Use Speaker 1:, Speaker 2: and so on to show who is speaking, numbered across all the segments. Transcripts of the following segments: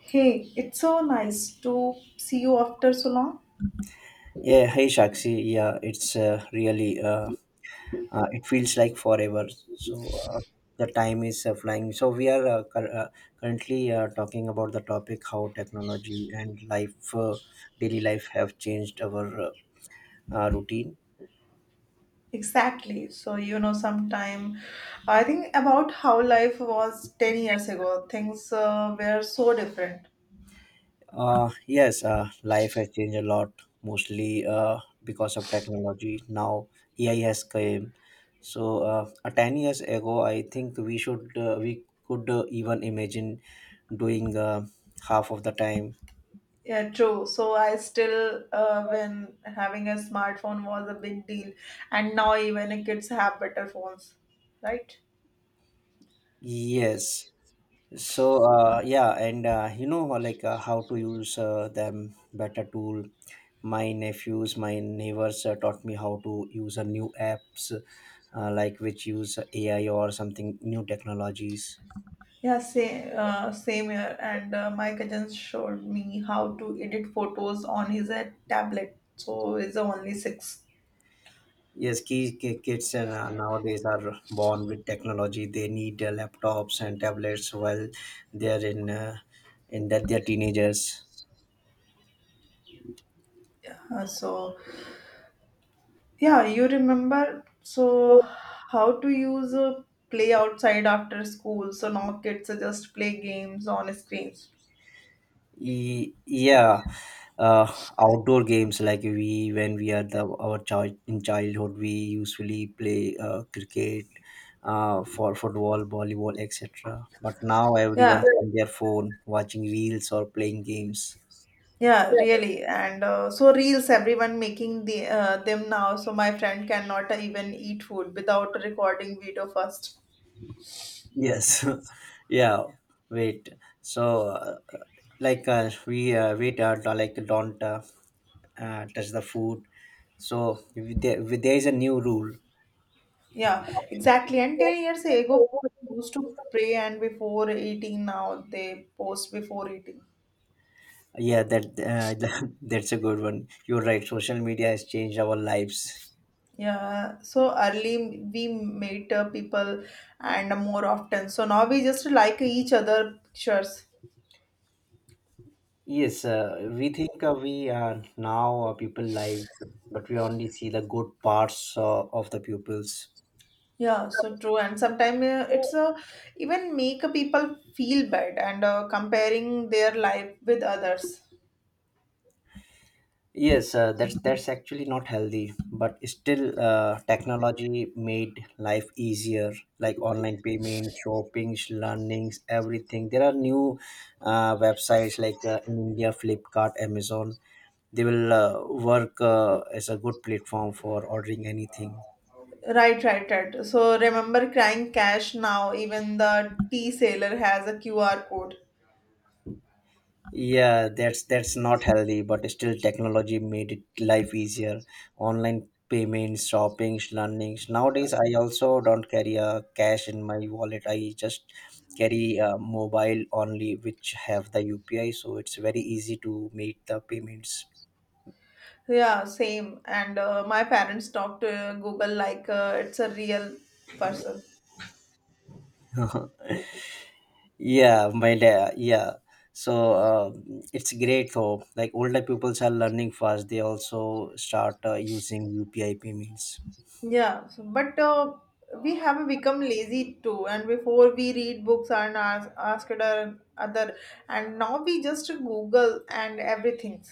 Speaker 1: Hey, it's so nice to see you after so long.
Speaker 2: Yeah, hey Shakshi. Yeah, it's really it feels like forever. So the time is flying. So we are currently talking about the topic how technology and life, daily life, have changed our routine.
Speaker 1: Exactly. So, sometime I think about how life was 10 years ago. Things were so different.
Speaker 2: Yes, life has changed a lot, mostly because of technology. Now AI has came. So 10 years ago, I think we could even imagine doing half of the time.
Speaker 1: Yeah, true. So, I still, when having a smartphone was a big deal, and now even kids have better phones, right?
Speaker 2: Yes. So yeah, and how to use them better tool. My nephews, my neighbors taught me how to use a new apps like which use AI or something new technologies.
Speaker 1: Yeah, same, same here. And my cousin showed me how to edit photos on his tablet. So, it's only six.
Speaker 2: Yes, ki- ki- kids and, nowadays are born with technology. They need laptops and tablets while they are in that they're teenagers.
Speaker 1: Uh, so, Yeah, you remember so how to use a play outside after school, so now kids are just play games on screens.
Speaker 2: Yeah, uh, outdoor games like we when we are the our child in childhood, we usually play cricket, for football, volleyball, etc. But now
Speaker 1: Yeah,
Speaker 2: everyone's on their phone, watching reels or playing games.
Speaker 1: yeah, really. And so reels, everyone making the them now. So my friend cannot even eat food without recording video first.
Speaker 2: Yes, yeah. Wait. So. Like we don't like don't touch the food, so if there is a new rule.
Speaker 1: Yeah, exactly. And 10 years ago, people used to pray and before eating, now they post before eating.
Speaker 2: Yeah, that that's a good one. You're right, social media has changed our lives.
Speaker 1: Yeah, so early we meet people and more often. So now we just like each other pictures.
Speaker 2: Yes, we are now people lives, but we only see the good parts of the pupils.
Speaker 1: Yeah, so true. And sometimes it's even make people feel bad and comparing their life with others.
Speaker 2: Yes, that's actually not healthy, but still, technology made life easier, like online payment, shoppings, learnings, everything. There are new websites like in India, Flipkart, Amazon. They will work as a good platform for ordering anything.
Speaker 1: Right, right, right. So remember crying cash now. Even the tea seller has a QR code.
Speaker 2: Yeah, that's not healthy, but still technology made it life easier. Online payments, shopping, learnings. Nowadays I also don't carry a cash in my wallet. I just carry a mobile only, which have the UPI, so it's very easy to make the payments.
Speaker 1: Yeah, same. And my parents talk to Google like it's a real person.
Speaker 2: Yeah, my dad. Yeah, so it's great though, like older pupils are learning fast. They also start using UPI payments.
Speaker 1: Yeah, so, but we have become lazy too. And before we read books and ask other, and now we just Google and everything.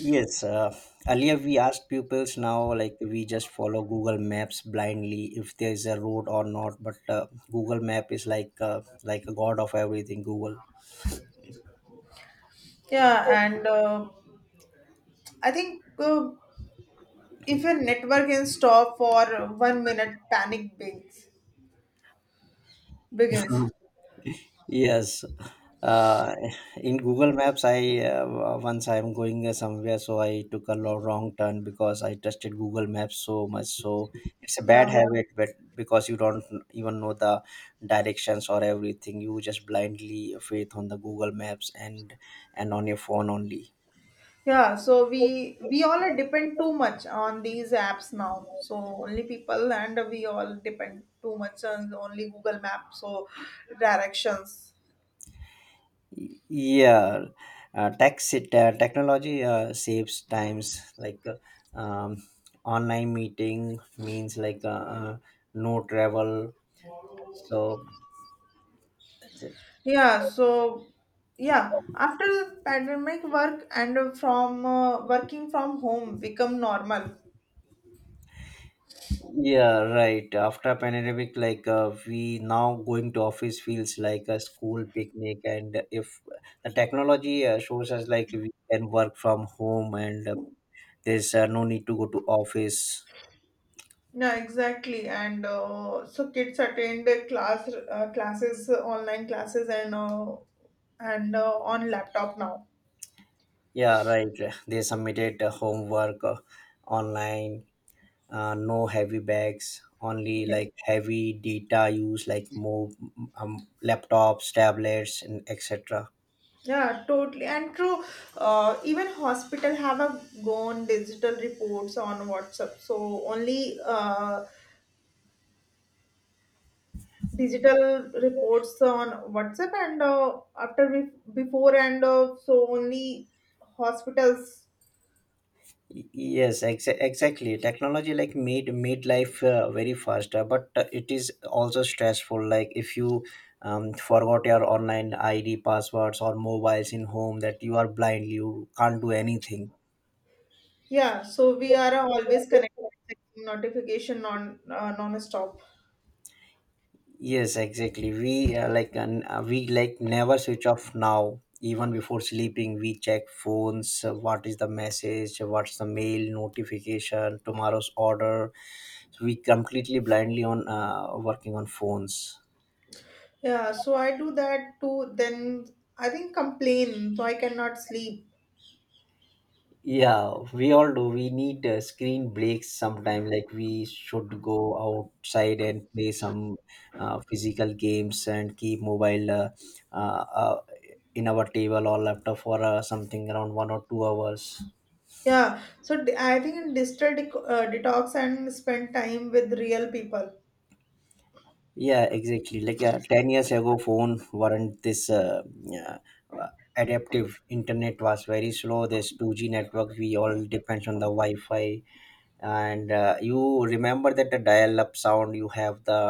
Speaker 2: Yes, earlier we asked pupils, now like we just follow Google Maps blindly, if there is a road or not. But Google Map is like a god of everything. Google.
Speaker 1: Yeah, and I think if a network can stop for 1 minute, panic begins. Begins.
Speaker 2: Yes, uh, in Google Maps, I once I'm going somewhere, so I took a wrong turn because I trusted Google Maps so much. So it's a bad
Speaker 1: Yeah,
Speaker 2: habit, but because you don't even know the directions or everything, you just blindly faith on the Google Maps and on your phone only.
Speaker 1: yeah. So we all are depend too much on these apps now. So only people, and we all depend too much on only Google Maps. So directions.
Speaker 2: Yeah, taxi technology saves times. Like um, online meeting means like no travel. So
Speaker 1: Yeah, so yeah, after the pandemic, work and from working from home become normal.
Speaker 2: yeah, right. After pandemic, like we now going to office feels like a school picnic, and if the technology shows us, like we can work from home and there's no need to go to office.
Speaker 1: Yeah, exactly. And so kids attend the classes, online classes, and on laptop now.
Speaker 2: Yeah, right. They submitted homework online. No heavy bags. Only
Speaker 1: Yeah,
Speaker 2: like heavy data use, like more laptops, tablets, and etc.
Speaker 1: yeah, totally. And true, even hospital have a gone digital reports on WhatsApp. So only digital reports on WhatsApp and after we before and so only hospitals.
Speaker 2: Yes, exactly. Technology like made life very faster, but it is also stressful. Like if you forgot your online ID, passwords, or mobiles in home, that you are blind, you can't do anything.
Speaker 1: Yeah, so we are always connected checking notification on non-stop.
Speaker 2: Yes, exactly. We like never switch off now. Even before sleeping, we check phones. What is the message? What's the mail notification? Tomorrow's order. So we completely blindly on working on phones.
Speaker 1: Yeah, so I do that too. Then I think complain, so I cannot sleep.
Speaker 2: Yeah, we all do. We need screen breaks sometime. Like we should go outside and play some physical games and keep mobile uh, uh, in our table or laptop for something around 1 or 2 hours.
Speaker 1: Yeah, I think in digital dec detox and spend time with real people.
Speaker 2: Yeah, exactly. Like 10 years ago, phone weren't this uh, adaptive. Internet was very slow. This 2G network. We all depends on the Wi-Fi, and you remember that the dial-up sound? You have the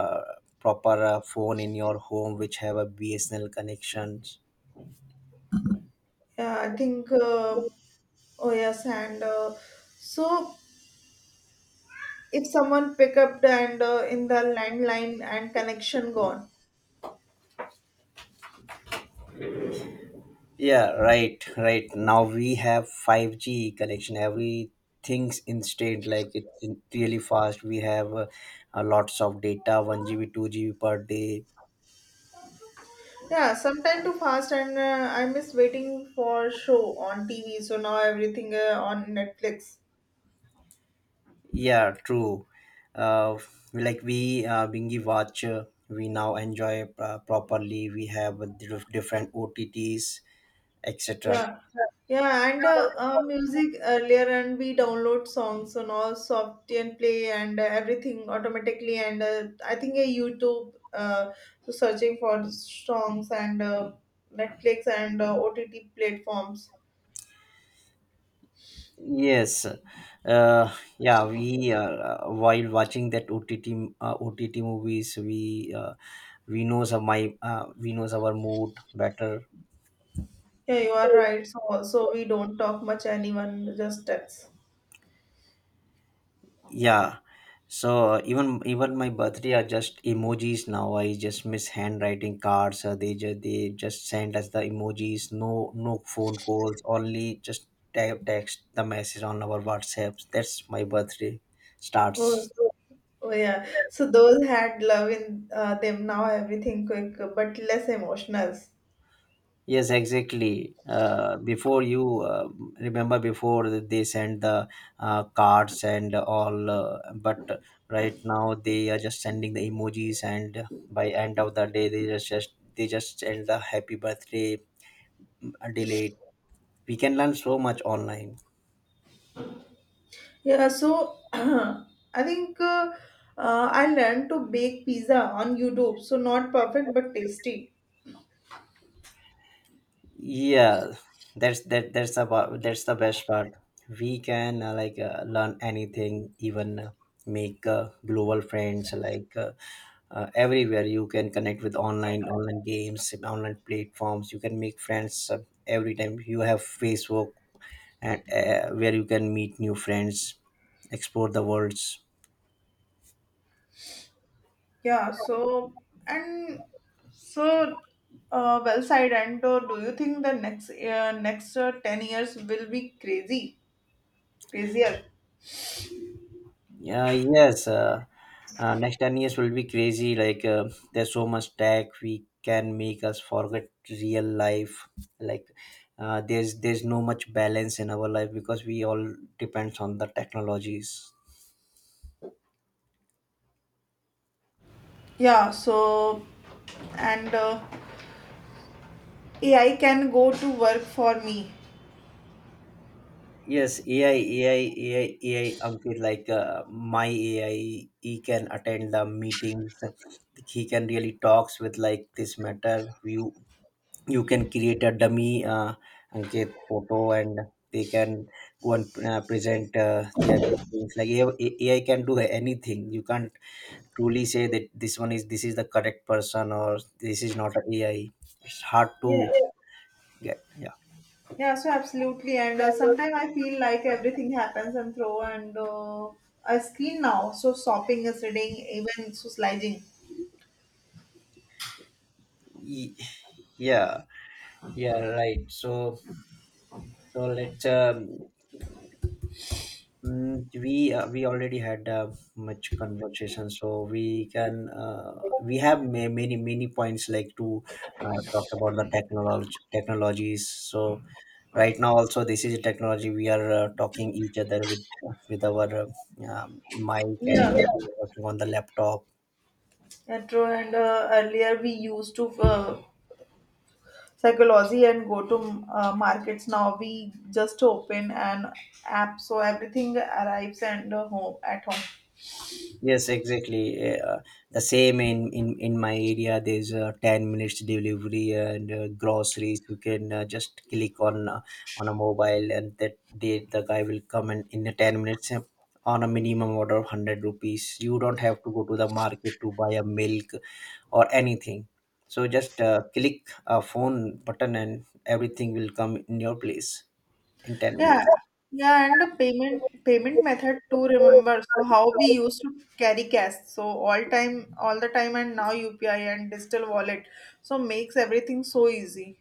Speaker 2: proper phone in your home, which have a BSNL connections.
Speaker 1: Yeah, I think. Oh yes, and so. if someone pick up and in the landline and connection gone.
Speaker 2: Yeah, right. Right now we have 5G connection. Everything's instant. Like it's really fast. We have lots of data, 1 GB 2 GB per day.
Speaker 1: Yeah, sometime too fast, and I miss waiting for show on TV, so now everything on Netflix.
Speaker 2: Yeah, true. Uh, like we uh, bingy watch. We now enjoy properly. We have different otts, etc.
Speaker 1: Yeah, yeah, and music earlier, and we download songs and all soft and play and everything automatically, and I think a YouTube, so searching for songs and Netflix and OTT platforms.
Speaker 2: Yes, yeah, we while watching that OTT movies, we knows our mood better.
Speaker 1: Yeah, you are right. So, so we don't talk much. Anyone just texts.
Speaker 2: Yeah, so even my birthday are just emojis now. I just miss handwriting cards. They just they just send us the emojis. No, no phone calls. Only just text the message on our WhatsApps. That's my birthday starts.
Speaker 1: Oh, oh yeah. So those had love in them. Now everything quick, but less emotional.
Speaker 2: Yes, exactly. Before you Remember, before they send the cards and all, but right now they are just sending the emojis, and by end of the day, they just send the happy birthday delayed. We can learn so much online.
Speaker 1: Yeah. So I think I learned to bake pizza on YouTube. So not perfect, but tasty.
Speaker 2: Yeah, that's that's about that's the best part. We can learn anything, even make global friends, everywhere. You can connect with Online games, online platforms, you can make friends every time. You have Facebook and where you can meet new friends, explore the worlds.
Speaker 1: Yeah. So and so well side. And do you think the next 10 years will be crazy, crazier?
Speaker 2: Yeah, yes. Next 10 years will be crazy. Like, there's so much tech we can make us forget real life. Like, there's no much balance in our life, because we all depends on the technologies.
Speaker 1: Yeah. So. And AI can go to work for me.
Speaker 2: Yes, AI, AI, AI, AI. Ankit, like my AI, he can attend the meetings. He can really talks with like this matter. You can create a dummy Ankit photo and they can go and present their things. Like AI can do anything. You can't truly say that this one is this is the correct person or this is not an AI. It's hard to
Speaker 1: Yeah,
Speaker 2: get. Yeah.
Speaker 1: yeah, so absolutely. And sometimes I feel like everything happens and throw. And a screen now. So shopping is reading, even so sliding.
Speaker 2: Ye- yeah, yeah, right, so so let's we already had much conversation, so we can we have many many points like to talk about the technology technologies. So right now also, this is a technology we are talking each other with our mic and
Speaker 1: Yeah,
Speaker 2: working on the laptop.
Speaker 1: and true. And earlier we used to psychology and go to markets. Now we just open an app, so everything arrives and home at home.
Speaker 2: Yes, exactly. Eh, Uh, the same in my area, there's a 10 minutes delivery and groceries. You can just click on a mobile and that they, the guy will come and in the 10 minutes on a minimum order of 100 rupees. You don't have to go to the market to buy a milk or anything. So just click a phone button and everything will come in your place in 10
Speaker 1: Yeah,
Speaker 2: minutes.
Speaker 1: yeah, and the payment method too. Remember, so how we used to carry cash, so all time, all the time, and now UPI and digital wallet, so makes everything so easy.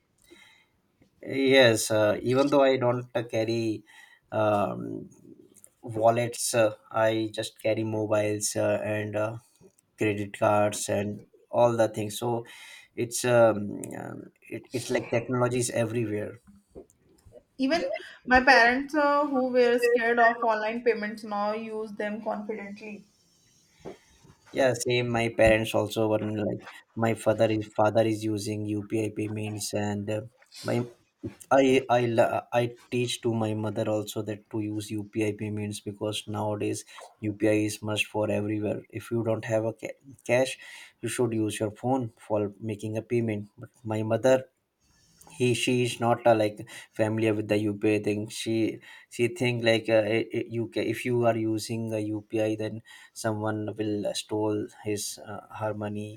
Speaker 2: Yes, even though I don't carry um, wallets, I just carry mobiles and credit cards and all the things. So it's it's like technology is everywhere.
Speaker 1: Even my parents, who were scared of online payments, now use them confidently.
Speaker 2: Yeah, same. My parents also were like my father is using UPI payments and my I teach to my mother also that to use UPI payments, because nowadays UPI is must for everywhere. If you don't have a cash, you should use your phone for making a payment. But my mother, he she is not like familiar with the UPI thing. She think like you if you are using a UPI, then someone will stole his her money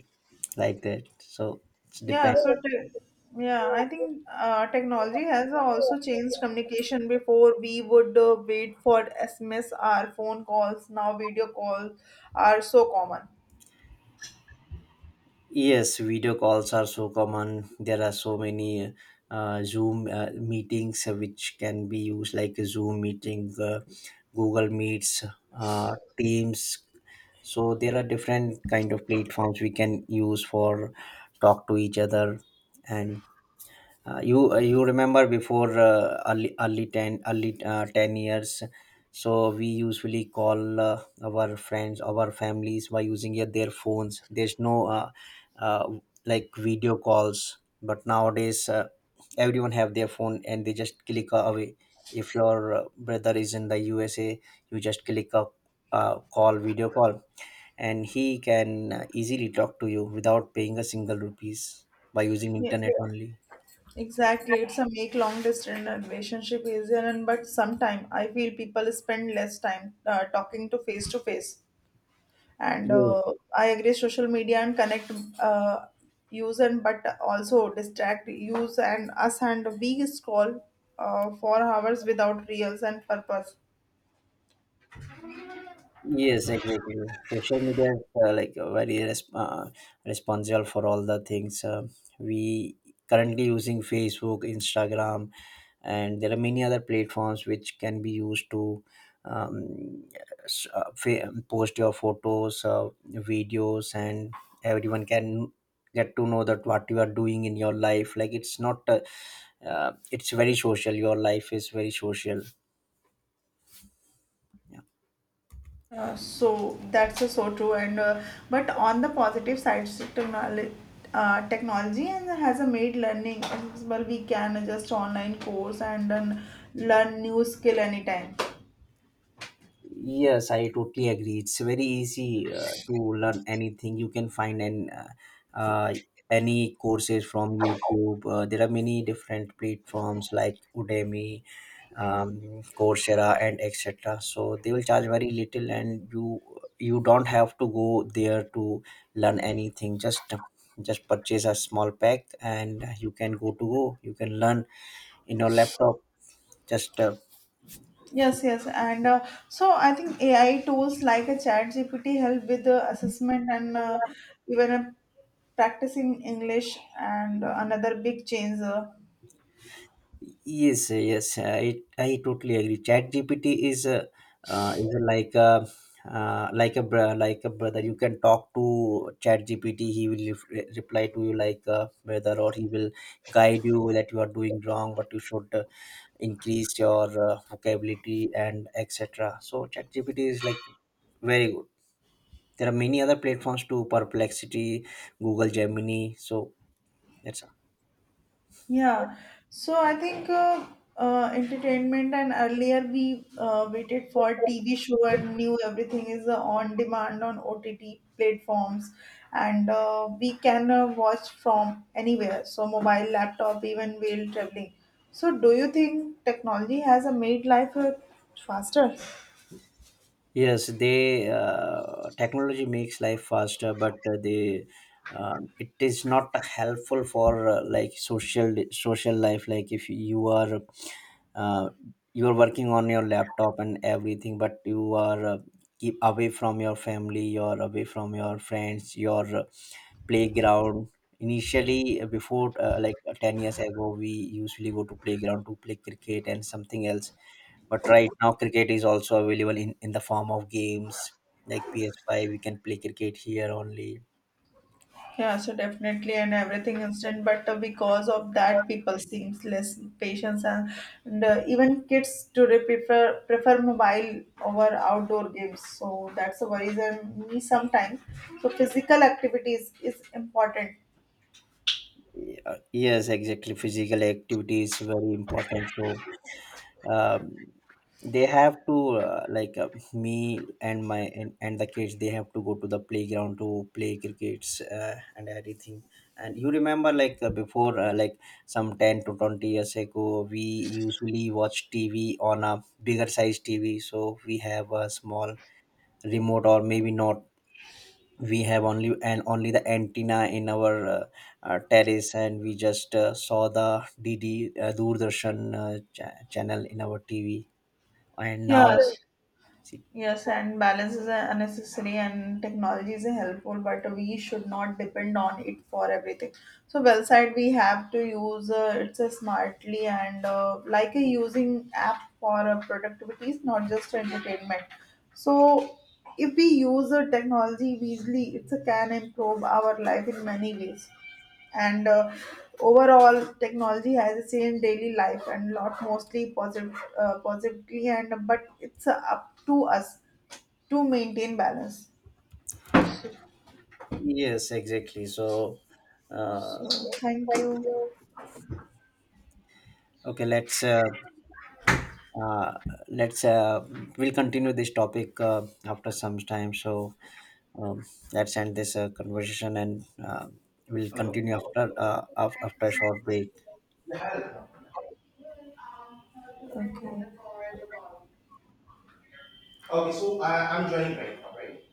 Speaker 2: like that. So it's
Speaker 1: Yeah,
Speaker 2: depend.
Speaker 1: yeah, I think technology has also changed communication. Before we would wait for SMS or phone calls. Now video calls are so common.
Speaker 2: Yes, video calls are so common. There are so many Zoom meetings which can be used, like a Zoom meeting, Google Meets, Teams. So there are different kind of platforms we can use for talk to each other, and you remember before early early ten early 10 years, so we usually call our friends, our families by using their phones. There's no uh, like video calls, but nowadays everyone have their phone and they just click away. If your brother is in the USA, you just click a call video call, and he can easily talk to you without paying a single rupees by using
Speaker 1: Yeah.
Speaker 2: internet only.
Speaker 1: Exactly, it's a make long distance relationship easier, and but sometime I feel people spend less time talking to face to face. And I agree, social media and connect uh, use and but also distract use and us, and we scroll for hours without reels and purpose.
Speaker 2: Yes, exactly. Social media is very responsible for all the things. We currently using Facebook, Instagram, and there are many other platforms which can be used to um, post your photos, videos, and everyone can get to know that what you are doing in your life. Like it's not, it's very social. Your life is very social. Yeah.
Speaker 1: So that's so true, and but on the positive side technology, technology and has made learning accessible. We can adjust online course and then learn new skill anytime.
Speaker 2: Yes, I totally agree. It's very easy to learn anything. You can find an uh, any courses from YouTube. There are many different platforms like Udemy, Coursera, and etc. So they will charge very little, and you don't have to go there to learn anything. Just purchase a small pack, and you can go to go. You can learn in your laptop. Just
Speaker 1: Yes, yes, and so I think AI tools like a Chat GPT help with the assessment, and even practicing English, and another big change
Speaker 2: Yes, I totally agree. Chat GPT is a like a like a br- like a brother. You can talk to Chat GPT. He will reply to you like a brother, or he will guide you that you are doing wrong, but you should increase your vocabulary and etc. So Chat GPT is like very good. There are many other platforms too: Perplexity, Google Gemini. So that's
Speaker 1: yeah, so I think entertainment, and earlier we waited
Speaker 2: all.
Speaker 1: for TV show, and knew everything is on demand on OTT platforms, and we can watch from anywhere. So mobile, laptop, even while traveling. So do you think technology has made life faster?
Speaker 2: Yes, they technology makes life faster, but they it is not helpful for like social life. Like if you are uh, you are working on your laptop and everything, but you are keep away from your family, you're away from your friends, your playground. Initially, before like 10 years ago, we usually go to playground to play cricket and something else. But right now, cricket is also available in the form of games like PS5. We can play cricket here only.
Speaker 1: Yeah, so definitely, and everything instant, but because of that, people seems less patience, and even kids today prefer mobile over outdoor games. So that's a worries and me sometimes. So physical activities is important.
Speaker 2: Yeah, yes, exactly. Physical activity is very important. So um, they have to me and my and the kids. They have to go to the playground to play crickets and everything. And you remember like before like some 10 to 20 years ago, we usually watch TV on a bigger size TV. So we have a small remote, or maybe not, we have only and only the antenna in our terrace and we just saw the dd doordarshan channel in our tv, and now
Speaker 1: Yeah,
Speaker 2: see.
Speaker 1: yes, and balance is a necessary, and technology is a helpful, but we should not depend on it for everything. So, well side we have to use it's a smartly, and like a using app for productivity is not just entertainment. So, if we use the technology wisely, it can improve our life in many ways, and overall technology has changed daily life and lot mostly positive, positively, and but it's up to us to maintain balance.
Speaker 2: Yes, exactly. So,
Speaker 1: So thank
Speaker 2: thank
Speaker 1: you.
Speaker 2: you. Okay, uh, let's we'll continue this topic after some time. So um, let's end this conversation and we'll
Speaker 1: Oh.
Speaker 2: continue after after a short break.
Speaker 1: Yeah. Okay. Okay, so I'm joining right now, right?